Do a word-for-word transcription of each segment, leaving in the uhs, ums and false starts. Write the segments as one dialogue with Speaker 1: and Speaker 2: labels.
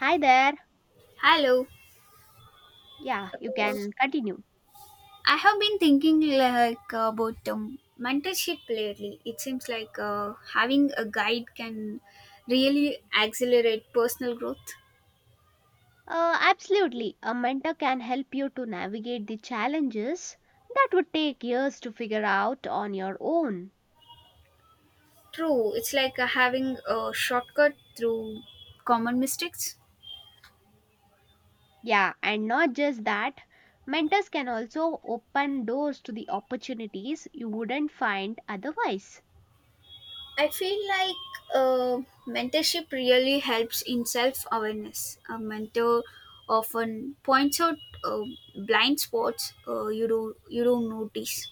Speaker 1: Hi there.
Speaker 2: Hello.
Speaker 1: Yeah, you can continue.
Speaker 2: I have been thinking like about um, mentorship lately. It seems like uh, having a guide can really accelerate personal growth.
Speaker 1: Uh, absolutely. A mentor can help you to navigate the challenges that would take years to figure out on your own.
Speaker 2: True, it's like uh, having a shortcut through common mistakes.
Speaker 1: Yeah, and not just that, mentors can also open doors to the opportunities you wouldn't find otherwise.
Speaker 2: I feel like uh, mentorship really helps in self awareness. A mentor often points out uh, blind spots uh, you do you don't notice.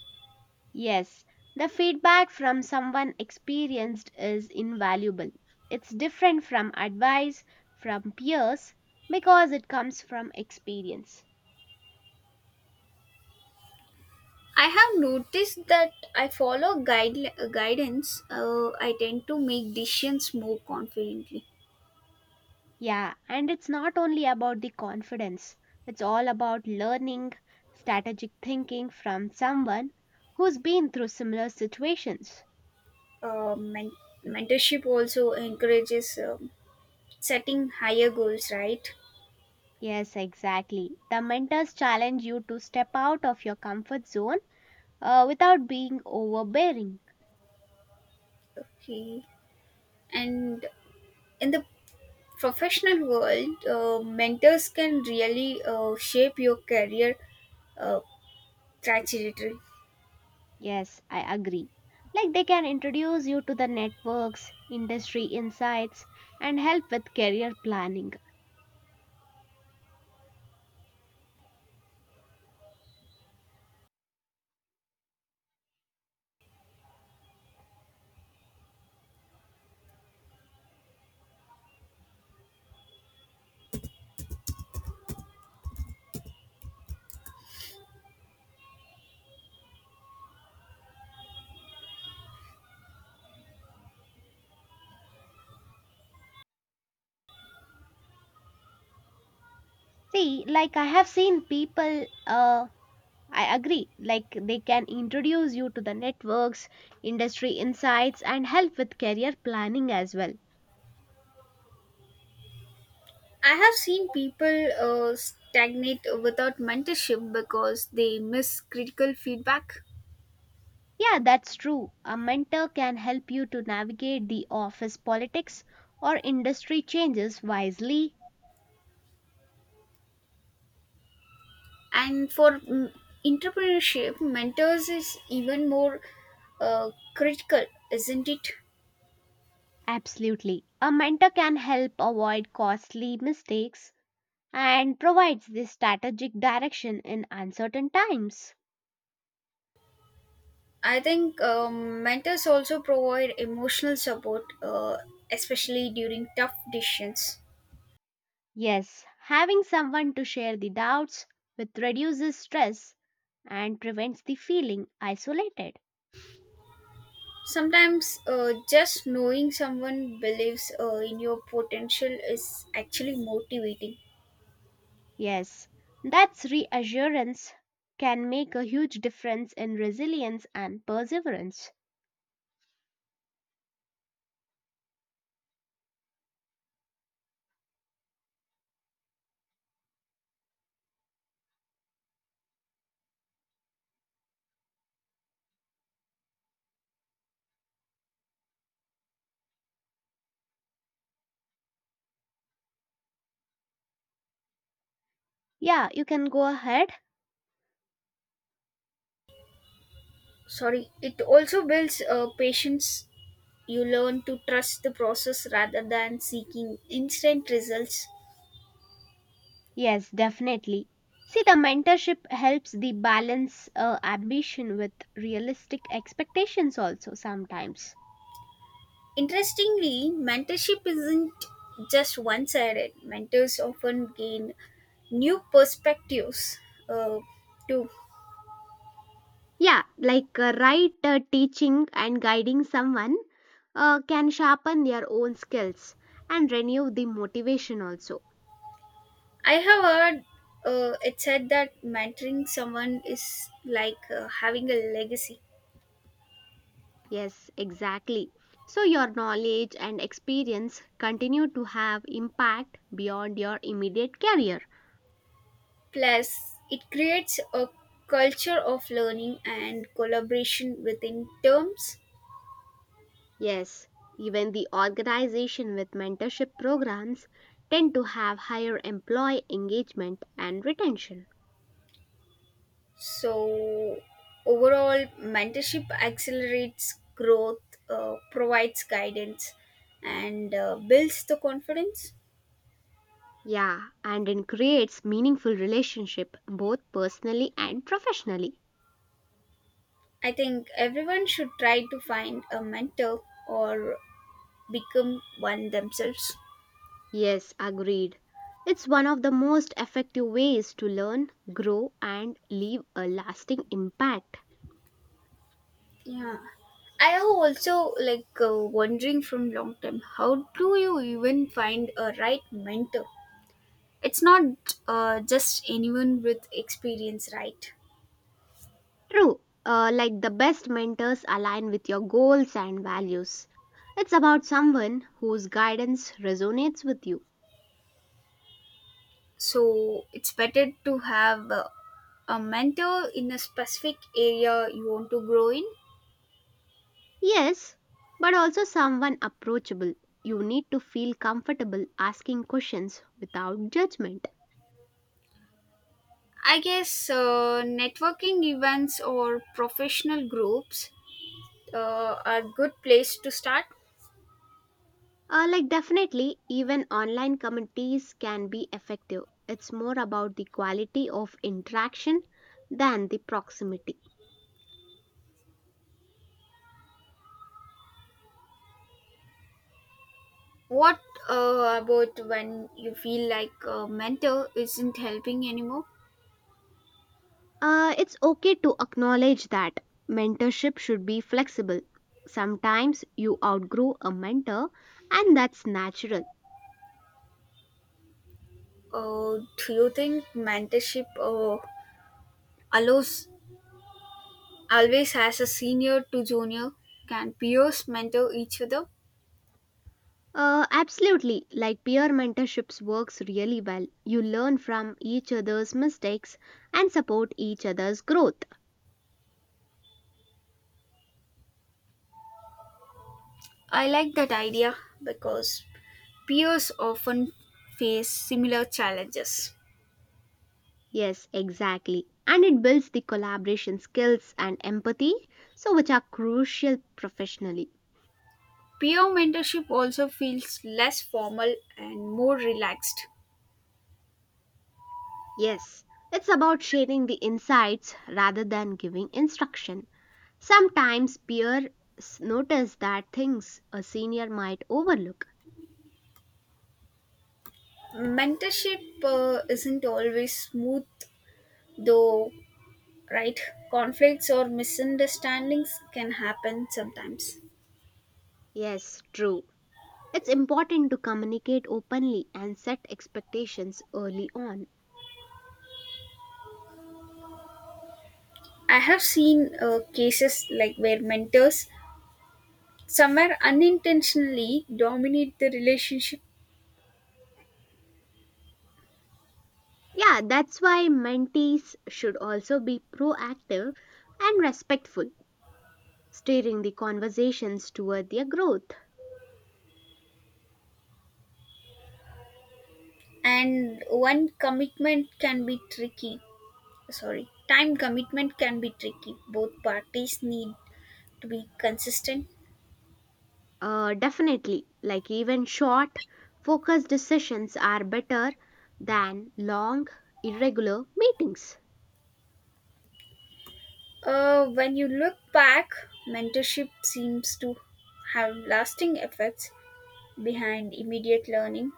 Speaker 1: Yes, the feedback from someone experienced is invaluable. It's different from advice from peers because it comes from experience.
Speaker 2: I have noticed that I follow guide, guidance. Uh, I tend to make decisions more confidently.
Speaker 1: Yeah, and it's not only about the confidence, it's all about learning strategic thinking from someone who's been through similar situations.
Speaker 2: Uh, men- Mentorship also encourages um, setting higher goals, right?
Speaker 1: Yes, exactly. The mentors challenge you to step out of your comfort zone uh, without being overbearing.
Speaker 2: Okay. And in the professional world, uh, mentors can really uh, shape your career uh, trajectory.
Speaker 1: Yes, I agree. Like they can introduce you to the networks, industry insights, and help with career planning. See, like I have seen people uh, I agree. Like they can introduce you to the networks, industry insights, and help with career planning as well.
Speaker 2: I have seen people uh, stagnate without mentorship because they miss critical feedback.
Speaker 1: Yeah, that's true. A mentor can help you to navigate the office politics or industry changes wisely.
Speaker 2: And for mm, entrepreneurship mentors is even more uh, critical, isn't it?
Speaker 1: Absolutely. A mentor can help avoid costly mistakes and provides the strategic direction in uncertain times.
Speaker 2: I think um, mentors also provide emotional support uh, especially during tough decisions.
Speaker 1: Yes, having someone to share the doubts with reduces stress and prevents the feeling isolated.
Speaker 2: Sometimes uh, just knowing someone believes uh, in your potential is actually motivating.
Speaker 1: Yes, that's reassurance can make a huge difference in resilience and perseverance. Yeah, you can go ahead.
Speaker 2: Sorry, it also builds uh, patience. You learn to trust the process rather than seeking instant results.
Speaker 1: Yes, definitely. See, the mentorship helps the balance uh, ambition with realistic expectations also sometimes.
Speaker 2: Interestingly, mentorship isn't just one sided. Mentors often gain new perspectives uh, too.
Speaker 1: Yeah, like uh, right uh, teaching and guiding someone uh, can sharpen their own skills and renew the motivation also.
Speaker 2: I have heard uh, it said that mentoring someone is like uh, having a legacy.
Speaker 1: Yes, exactly. So your knowledge and experience continue to have impact beyond your immediate career.
Speaker 2: Plus, it creates a culture of learning and collaboration within terms.
Speaker 1: Yes, even the organization with mentorship programs tend to have higher employee engagement and retention.
Speaker 2: So, overall, mentorship accelerates growth, uh, provides guidance, and uh, builds the confidence.
Speaker 1: Yeah, and it creates meaningful relationship both personally and professionally.
Speaker 2: I think everyone should try to find a mentor or become one themselves.
Speaker 1: Yes, agreed. It's one of the most effective ways to learn, grow and leave a lasting impact.
Speaker 2: Yeah. I have also like uh, wondering from long time, how do you even find a right mentor? It's not uh, just anyone with experience, right?
Speaker 1: True. Uh, like the best mentors align with your goals and values. It's about someone whose guidance resonates with you.
Speaker 2: So it's better to have uh, a mentor in a specific area you want to grow in.
Speaker 1: Yes, but also someone approachable. You need to feel comfortable asking questions without judgment.
Speaker 2: I guess uh, networking events or professional groups uh, are good place to start.
Speaker 1: Uh, like definitely, even online communities can be effective. It's more about the quality of interaction than the proximity.
Speaker 2: What uh, about when you feel like a mentor isn't helping anymore?
Speaker 1: Uh, it's okay to acknowledge that mentorship should be flexible. Sometimes you outgrow a mentor, and that's natural.
Speaker 2: uh, do you think mentorship uh, allows always has a senior to junior, can peers mentor each other?
Speaker 1: Uh, absolutely, like peer mentorships works really well. You learn from each other's mistakes and support each other's growth.
Speaker 2: I like that idea because peers often face similar challenges.
Speaker 1: Yes, exactly. And it builds the collaboration skills and empathy, so which are crucial professionally.
Speaker 2: Peer mentorship also feels less formal and more relaxed.
Speaker 1: Yes, it's about sharing the insights rather than giving instruction. Sometimes peers notice that things a senior might overlook.
Speaker 2: Mentorship uh, isn't always smooth, though, right? Conflicts or misunderstandings can happen sometimes.
Speaker 1: Yes, true. It's important to communicate openly and set expectations early on.
Speaker 2: I have seen uh, cases like where mentors somewhere unintentionally dominate the relationship,
Speaker 1: Yeah, that's why mentees should also be proactive and respectful steering the conversations toward their growth.
Speaker 2: and one commitment can be tricky. Sorry time commitment can be tricky. Both parties need to be consistent.
Speaker 1: Uh, definitely, like even short, focused decisions are better than long, irregular meetings.
Speaker 2: Uh, when you look back, mentorship seems to have lasting effects behind immediate learning.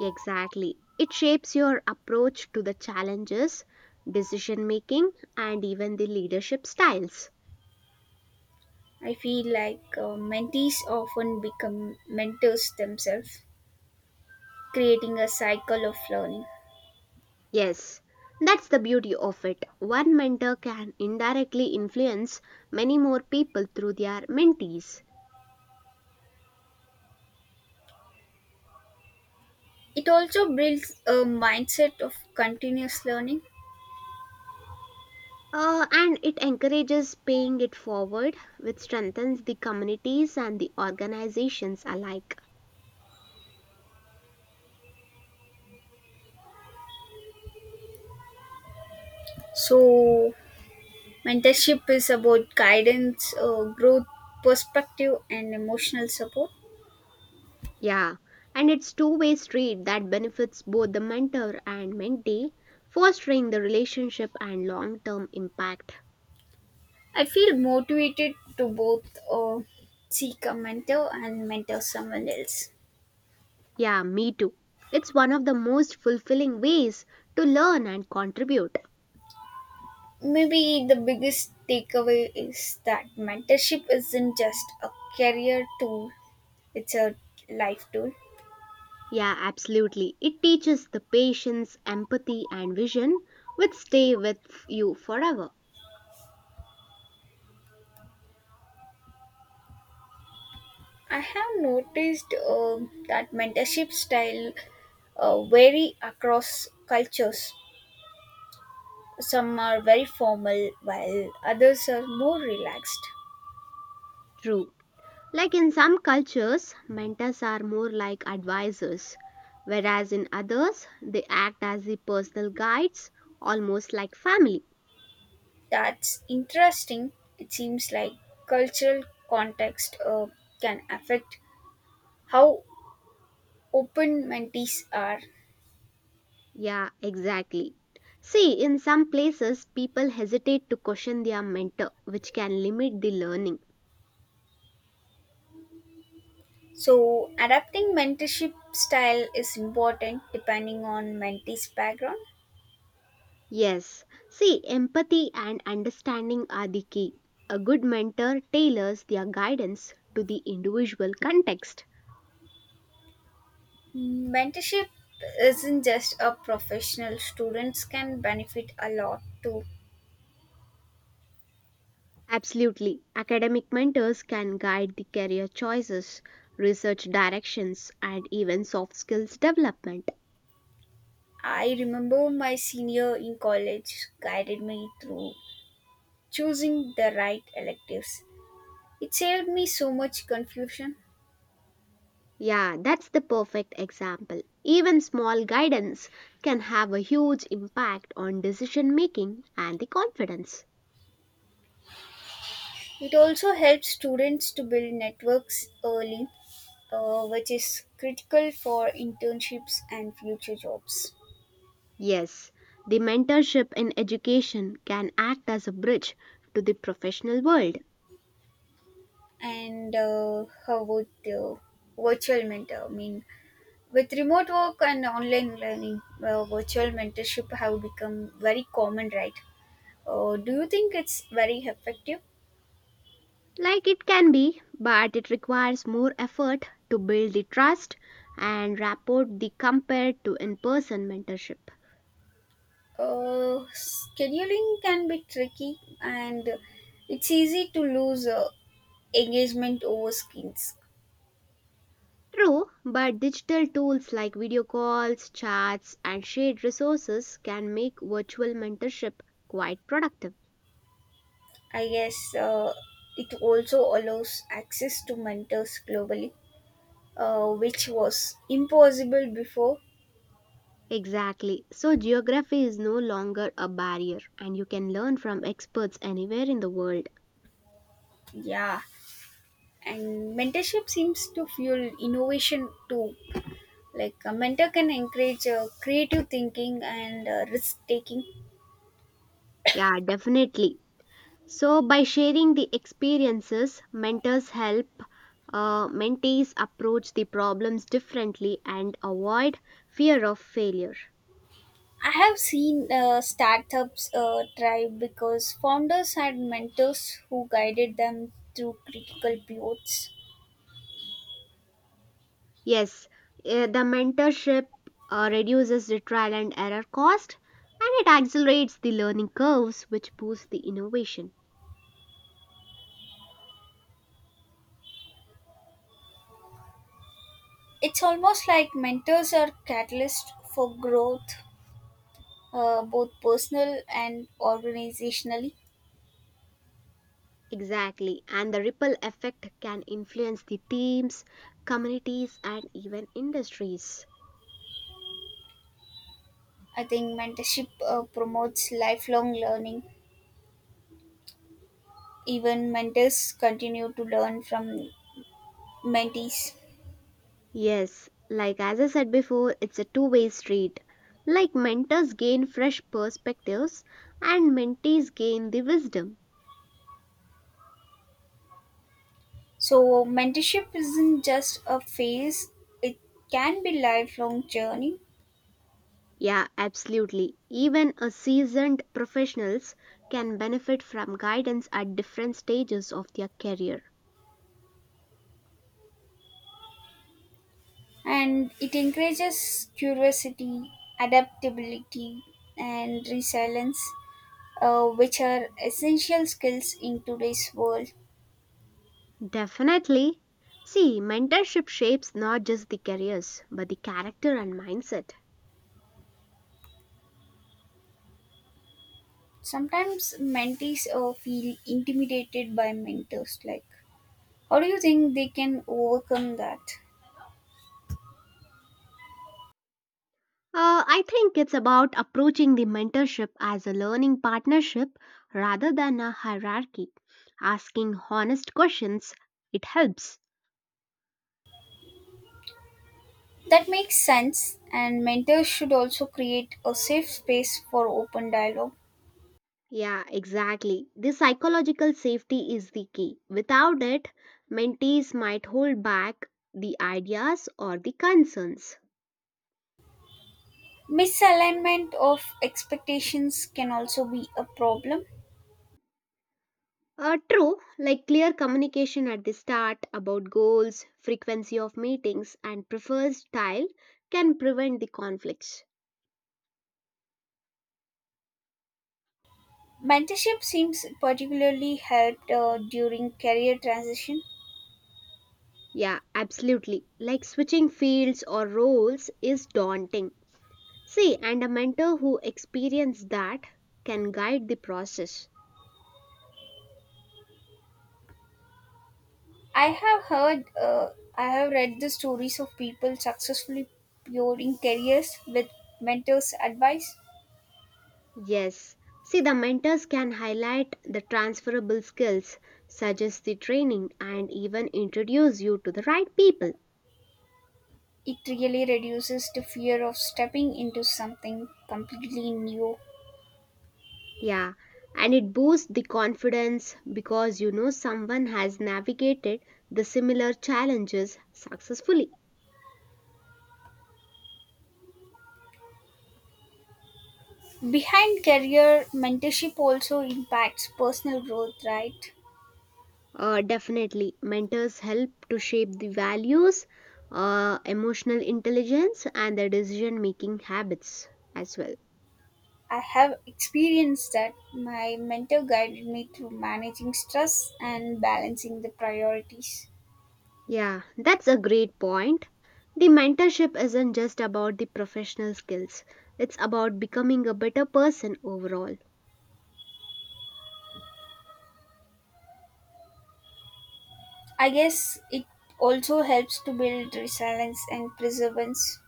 Speaker 1: Exactly. It shapes your approach to the challenges, decision making, and even the leadership styles.
Speaker 2: I feel like uh, mentees often become mentors themselves, creating a cycle of learning.
Speaker 1: Yes, that's the beauty of it. One mentor can indirectly influence many more people through their mentees.
Speaker 2: It also builds a mindset of continuous learning.
Speaker 1: Uh, and it encourages paying it forward, which strengthens the communities and the organizations alike.
Speaker 2: So mentorship is about guidance, uh, growth, perspective, and emotional support.
Speaker 1: Yeah, and it's two-way street that benefits both the mentor and mentee, fostering the relationship and long-term impact.
Speaker 2: I feel motivated to both uh, seek a mentor and mentor someone else.
Speaker 1: Yeah, me too. It's one of the most fulfilling ways to learn and contribute.
Speaker 2: Maybe the biggest takeaway is that mentorship isn't just a career tool, it's a life tool.
Speaker 1: Yeah, absolutely. It teaches the patience, empathy, and vision which stay with you forever.
Speaker 2: I have noticed uh, that mentorship style uh, vary across cultures. Some are very formal, while others are more relaxed.
Speaker 1: True. Like in some cultures, mentors are more like advisors, whereas in others, they act as the personal guides, almost like family.
Speaker 2: That's interesting. It seems like cultural context uh, can affect how open mentees are.
Speaker 1: Yeah, exactly. See, in some places, people hesitate to question their mentor, which can limit the learning.
Speaker 2: So, adapting mentorship style is important depending on mentee's background.
Speaker 1: Yes, see, empathy and understanding are the key. A good mentor tailors their guidance to the individual context.
Speaker 2: Mentorship isn't just a professional, students can benefit a lot too.
Speaker 1: Absolutely. Academic mentors can guide the career choices, research directions, and even soft skills development.
Speaker 2: I remember my senior in college guided me through choosing the right electives. It saved me so much confusion.
Speaker 1: Yeah, that's the perfect example. Even small guidance can have a huge impact on decision making and the confidence.
Speaker 2: It also helps students to build networks early, uh, which is critical for internships and future jobs.
Speaker 1: Yes, the mentorship in education can act as a bridge to the professional world.
Speaker 2: And uh, how about the virtual mentor? I mean, with remote work and online learning, uh, virtual mentorship have become very common, right? Uh, do you think it's very effective?
Speaker 1: Like it can be, but it requires more effort to build the trust and rapport the compared to in person mentorship.
Speaker 2: Uh, scheduling can be tricky, and it's easy to lose uh, engagement over skills.
Speaker 1: True, but digital tools like video calls, chats, and shared resources can make virtual mentorship quite productive.
Speaker 2: I guess uh, it also allows access to mentors globally, uh, which was impossible before.
Speaker 1: Exactly. So, geography is no longer a barrier, and you can learn from experts anywhere in the world.
Speaker 2: Yeah, and mentorship seems to fuel innovation too. Like a mentor can encourage uh, creative thinking and uh, risk taking.
Speaker 1: Yeah, definitely. So, by sharing the experiences, mentors help uh, mentees approach the problems differently and avoid fear of failure.
Speaker 2: I have seen uh, startups uh, thrive because founders had mentors who guided them through critical pivots.
Speaker 1: Yes, eh, the mentorship uh, reduces the trial and error cost and it accelerates the learning curves, which boosts the innovation.
Speaker 2: It's almost like mentors are catalysts for growth, uh, both personal and organizationally.
Speaker 1: Exactly, and the ripple effect can influence the teams, communities, and even industries.
Speaker 2: I think mentorship uh, promotes lifelong learning. Even mentors continue to learn from mentees.
Speaker 1: Yes, like as I said before, it's a two way street. Like mentors gain fresh perspectives and mentees gain the wisdom.
Speaker 2: So, mentorship isn't just a phase, it can be lifelong journey.
Speaker 1: Yeah, absolutely. Even a seasoned professionals can benefit from guidance at different stages of their career.
Speaker 2: And it encourages curiosity, adaptability, and resilience, uh, which are essential skills in today's world.
Speaker 1: Definitely. See, mentorship shapes not just the careers, but the character and mindset.
Speaker 2: Sometimes mentees uh, feel intimidated by mentors. Like, how do you think they can overcome that?
Speaker 1: Uh, I think it's about approaching the mentorship as a learning partnership rather than a hierarchy. Asking honest questions, it helps.
Speaker 2: That makes sense, and mentors should also create a safe space for open dialogue.
Speaker 1: Yeah, exactly. The psychological safety is the key. Without it, mentees might hold back the ideas or the concerns.
Speaker 2: Misalignment of expectations can also be a problem.
Speaker 1: Uh, true, like clear communication at the start about goals, frequency of meetings, and preferred style can prevent the conflicts.
Speaker 2: Mentorship seems particularly helped uh, during career transition.
Speaker 1: Yeah, absolutely. Like switching fields or roles is daunting. See, and a mentor who experienced that can guide the process.
Speaker 2: I have heard, uh, I have read the stories of people successfully pioneering careers with mentors' advice.
Speaker 1: Yes. See, the mentors can highlight the transferable skills, suggest the training, and even introduce you to the right people.
Speaker 2: It really reduces the fear of stepping into something completely new.
Speaker 1: Yeah. And it boosts the confidence because you know someone has navigated the similar challenges successfully.
Speaker 2: Behind career, mentorship also impacts personal growth, right?
Speaker 1: Uh, definitely, mentors help to shape the values, uh, emotional intelligence, and the decision making habits as well.
Speaker 2: I have experienced that my mentor guided me through managing stress and balancing the priorities.
Speaker 1: Yeah, that's a great point. The mentorship isn't just about the professional skills, it's about becoming a better person overall.
Speaker 2: I guess it also helps to build resilience and perseverance.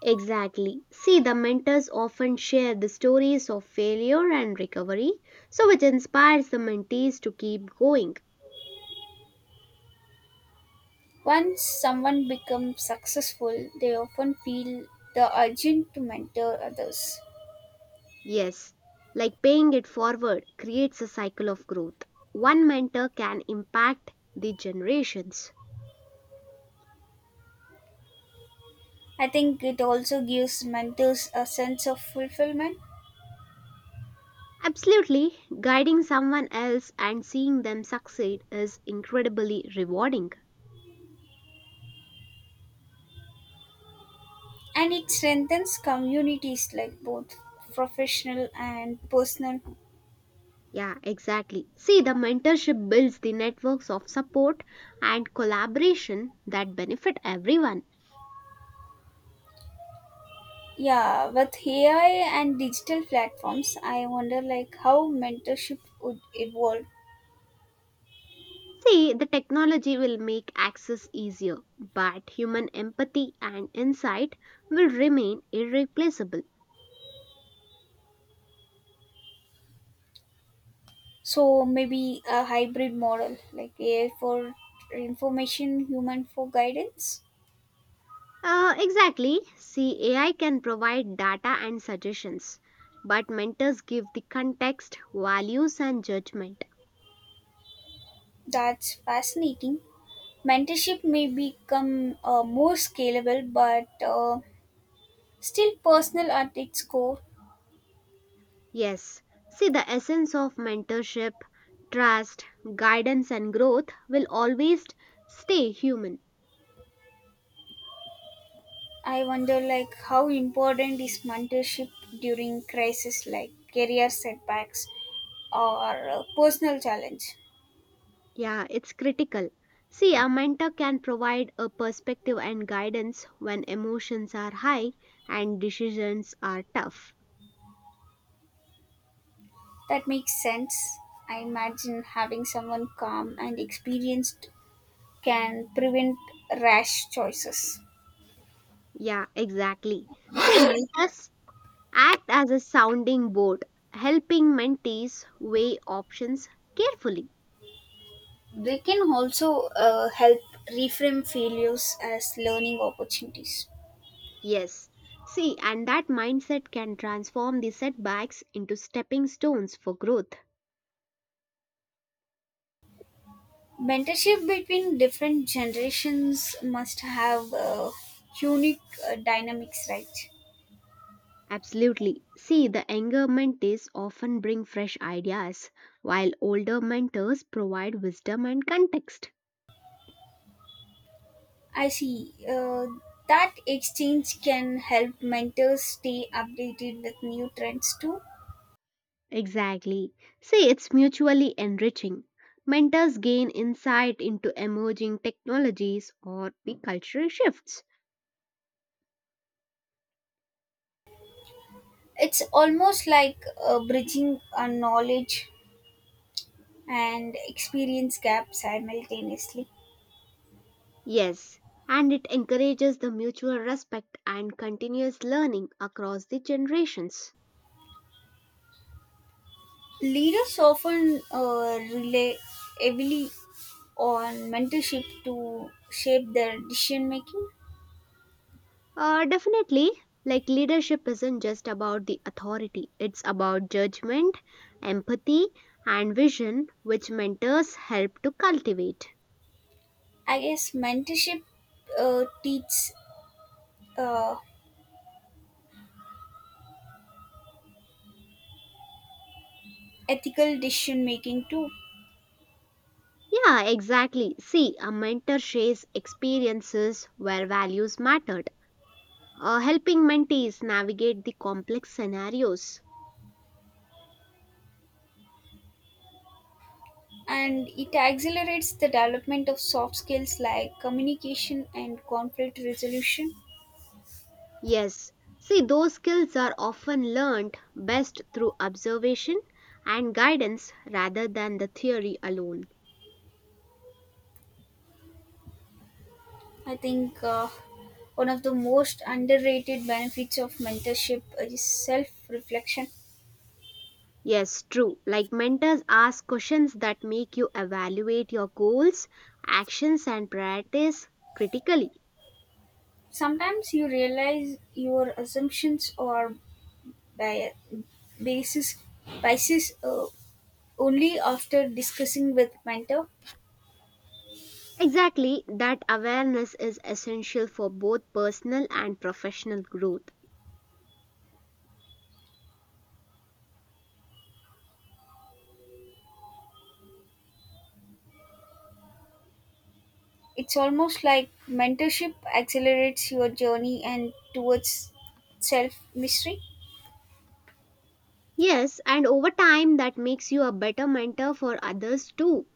Speaker 1: Exactly. See, the mentors often share the stories of failure and recovery, so which inspires the mentees to keep going.
Speaker 2: Once someone becomes successful, they often feel the urgent to mentor others.
Speaker 1: Yes, like paying it forward creates a cycle of growth. One mentor can impact the generations.
Speaker 2: I think it also gives mentors a sense of fulfillment,
Speaker 1: Absolutely, guiding someone else and seeing them succeed is incredibly rewarding.
Speaker 2: and it strengthens communities like both professional and personal.
Speaker 1: Yeah, exactly. See, the mentorship builds the networks of support and collaboration that benefit everyone.
Speaker 2: Yeah, with A I and digital platforms, I wonder like how mentorship would evolve.
Speaker 1: See, the technology will make access easier, but human empathy and insight will remain irreplaceable.
Speaker 2: So maybe a hybrid model, like A I for information, human for guidance.
Speaker 1: Uh, exactly. See, A I can provide data and suggestions, but mentors give the context, values, and judgment.
Speaker 2: That's fascinating. Mentorship may become uh, more scalable, but uh, still personal at its core.
Speaker 1: Yes. See, the essence of mentorship, trust, guidance, and growth will always stay human.
Speaker 2: I wonder, like, how important is mentorship during crisis, like career setbacks or uh, personal challenge?
Speaker 1: Yeah, it's critical. See, a mentor can provide a perspective and guidance when emotions are high and decisions are tough.
Speaker 2: That makes sense. I imagine having someone calm and experienced can prevent rash choices.
Speaker 1: Yeah, exactly. See, mentors Act as a sounding board, helping mentees weigh options carefully.
Speaker 2: They can also uh, help reframe failures as learning opportunities.
Speaker 1: Yes. See, and that mindset can transform the setbacks into stepping stones for growth.
Speaker 2: Mentorship between different generations must have uh, unique uh, dynamics, right?
Speaker 1: Absolutely. See, the younger mentees often bring fresh ideas, while older mentors provide wisdom and context.
Speaker 2: I see. Uh, that exchange can help mentors stay updated with new trends too.
Speaker 1: Exactly. See, it's mutually enriching. Mentors gain insight into emerging technologies or the cultural shifts.
Speaker 2: It's almost like uh, bridging a knowledge and experience gap simultaneously.
Speaker 1: Yes, and it encourages the mutual respect and continuous learning across the generations.
Speaker 2: Leaders often uh, rely heavily on mentorship to shape their decision making.
Speaker 1: Uh, definitely, like leadership isn't just about the authority, it's about judgment, empathy, and vision, which mentors help to cultivate.
Speaker 2: I guess mentorship uh, teaches uh, ethical decision making too,
Speaker 1: Yeah, exactly. See, a mentor shares experiences where values mattered, uh, helping mentees navigate the complex scenarios.
Speaker 2: and it accelerates the development of soft skills like communication and conflict resolution.
Speaker 1: Yes, see, those skills are often learned best through observation and guidance rather than the theory alone.
Speaker 2: I think uh, one of the most underrated benefits of mentorship is self reflection.
Speaker 1: Yes, true. Like mentors ask questions that make you evaluate your goals, actions, and priorities critically.
Speaker 2: Sometimes you realize your assumptions are bi- basis biases uh, only after discussing with mentor.
Speaker 1: Exactly, that awareness is essential for both personal and professional growth.
Speaker 2: It's almost like mentorship accelerates your journey and towards self mystery.
Speaker 1: Yes, and over time that makes you a better mentor for others too.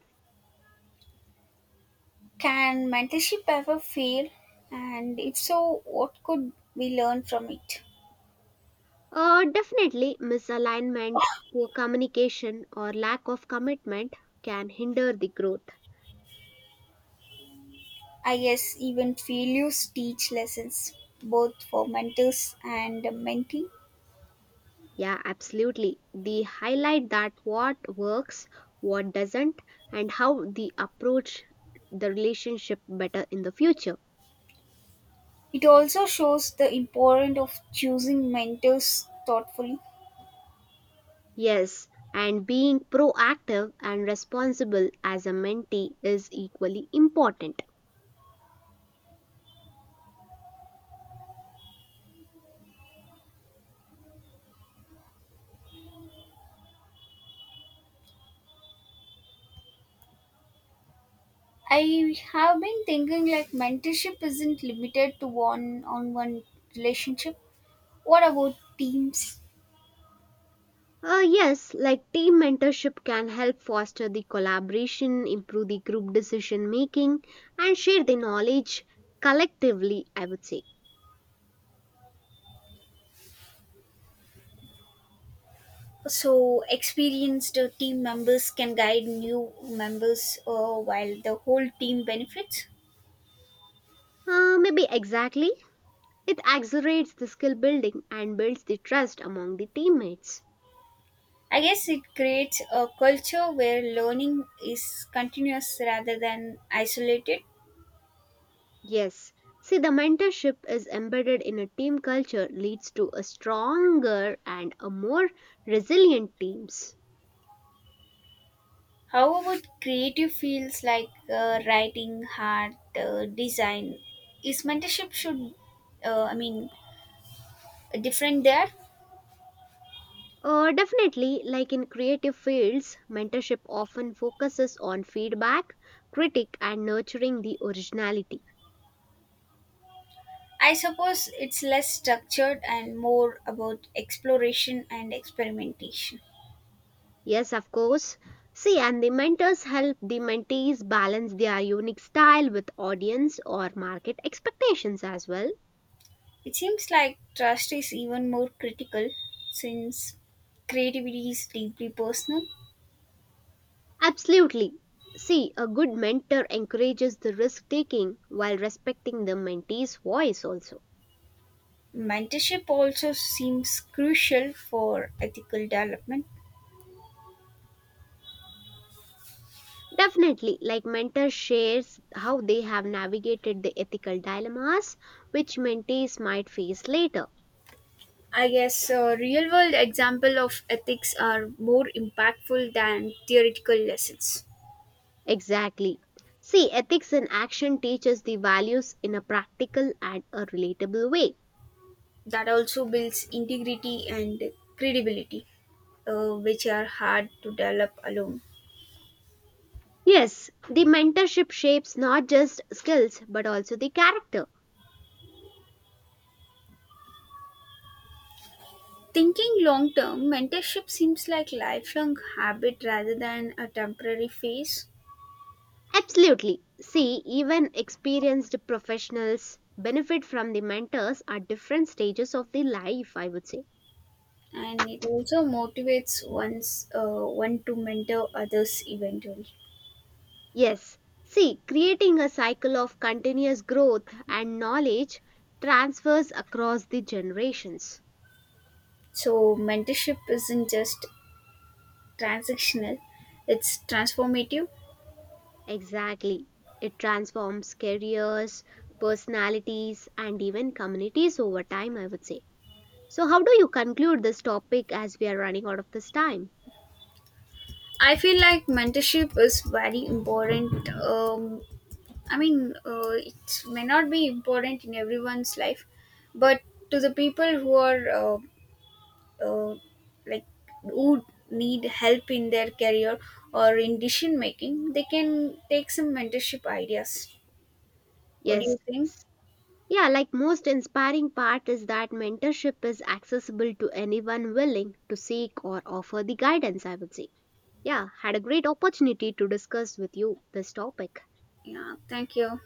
Speaker 2: Can mentorship ever fail? And if so, what could we learn from it?
Speaker 1: Uh, definitely, misalignment, poor communication, or lack of commitment can hinder the growth.
Speaker 2: I guess even failures teach lessons, both for mentors and mentee.
Speaker 1: Yeah, absolutely. They highlight that what works, what doesn't, and how the approach the relationship better in the future.
Speaker 2: It also shows the importance of choosing mentors thoughtfully.
Speaker 1: Yes, and being proactive and responsible as a mentee is equally important.
Speaker 2: I have been thinking like mentorship isn't limited to one on one relationship. What about teams?
Speaker 1: Uh, yes, like team mentorship can help foster the collaboration, improve the group decision making, and share the knowledge collectively, I would say.
Speaker 2: So, experienced uh, team members can guide new members uh, while the whole team benefits.
Speaker 1: Uh, maybe exactly. It accelerates the skill building and builds the trust among the teammates.
Speaker 2: I guess it creates a culture where learning is continuous rather than isolated.
Speaker 1: Yes. See, the mentorship is embedded in a team culture leads to a stronger and a more resilient teams.
Speaker 2: How about creative fields like uh, writing, art, uh, design? Is mentorship should, uh, I mean, different there?
Speaker 1: Uh, definitely, like in creative fields, mentorship often focuses on feedback, critique, and nurturing the originality.
Speaker 2: I suppose it's less structured and more about exploration and experimentation.
Speaker 1: Yes, of course. See, and the mentors help the mentees balance their unique style with audience or market expectations as well.
Speaker 2: It seems like trust is even more critical since creativity is deeply personal.
Speaker 1: Absolutely. See, a good mentor encourages the risk taking while respecting the mentee's voice also.
Speaker 2: Mentorship also seems crucial for ethical development.
Speaker 1: Definitely, like mentors shares how they have navigated the ethical dilemmas which mentees might face later.
Speaker 2: I guess a real world example of ethics are more impactful than theoretical lessons.
Speaker 1: Exactly. See, ethics in action teaches the values in a practical and a relatable way.
Speaker 2: That also builds integrity and credibility, uh, which are hard to develop alone.
Speaker 1: Yes, the mentorship shapes not just skills but also the character.
Speaker 2: Thinking long term, mentorship seems like lifelong habit rather than a temporary phase,
Speaker 1: Absolutely. See, even experienced professionals benefit from the mentors at different stages of the life, I would say.
Speaker 2: and it also motivates one's uh, one to mentor others eventually.
Speaker 1: Yes, see, creating a cycle of continuous growth and knowledge transfers across the generations.
Speaker 2: So mentorship isn't just transactional; it's transformative.
Speaker 1: Exactly. It transforms careers, personalities, and even communities over time, I would say. So, how do you conclude this topic as we are running out of this time?
Speaker 2: I feel like mentorship is very important. Um, I mean, uh, it may not be important in everyone's life, but to the people who are uh, uh, like who need help in their career or in decision making, they can take some mentorship ideas. What do
Speaker 1: Yes.
Speaker 2: you think?
Speaker 1: Yeah, like most inspiring part is that mentorship is accessible to anyone willing to seek or offer the guidance, I would say. Yeah, had a great opportunity to discuss with you this topic.
Speaker 2: Yeah, thank you.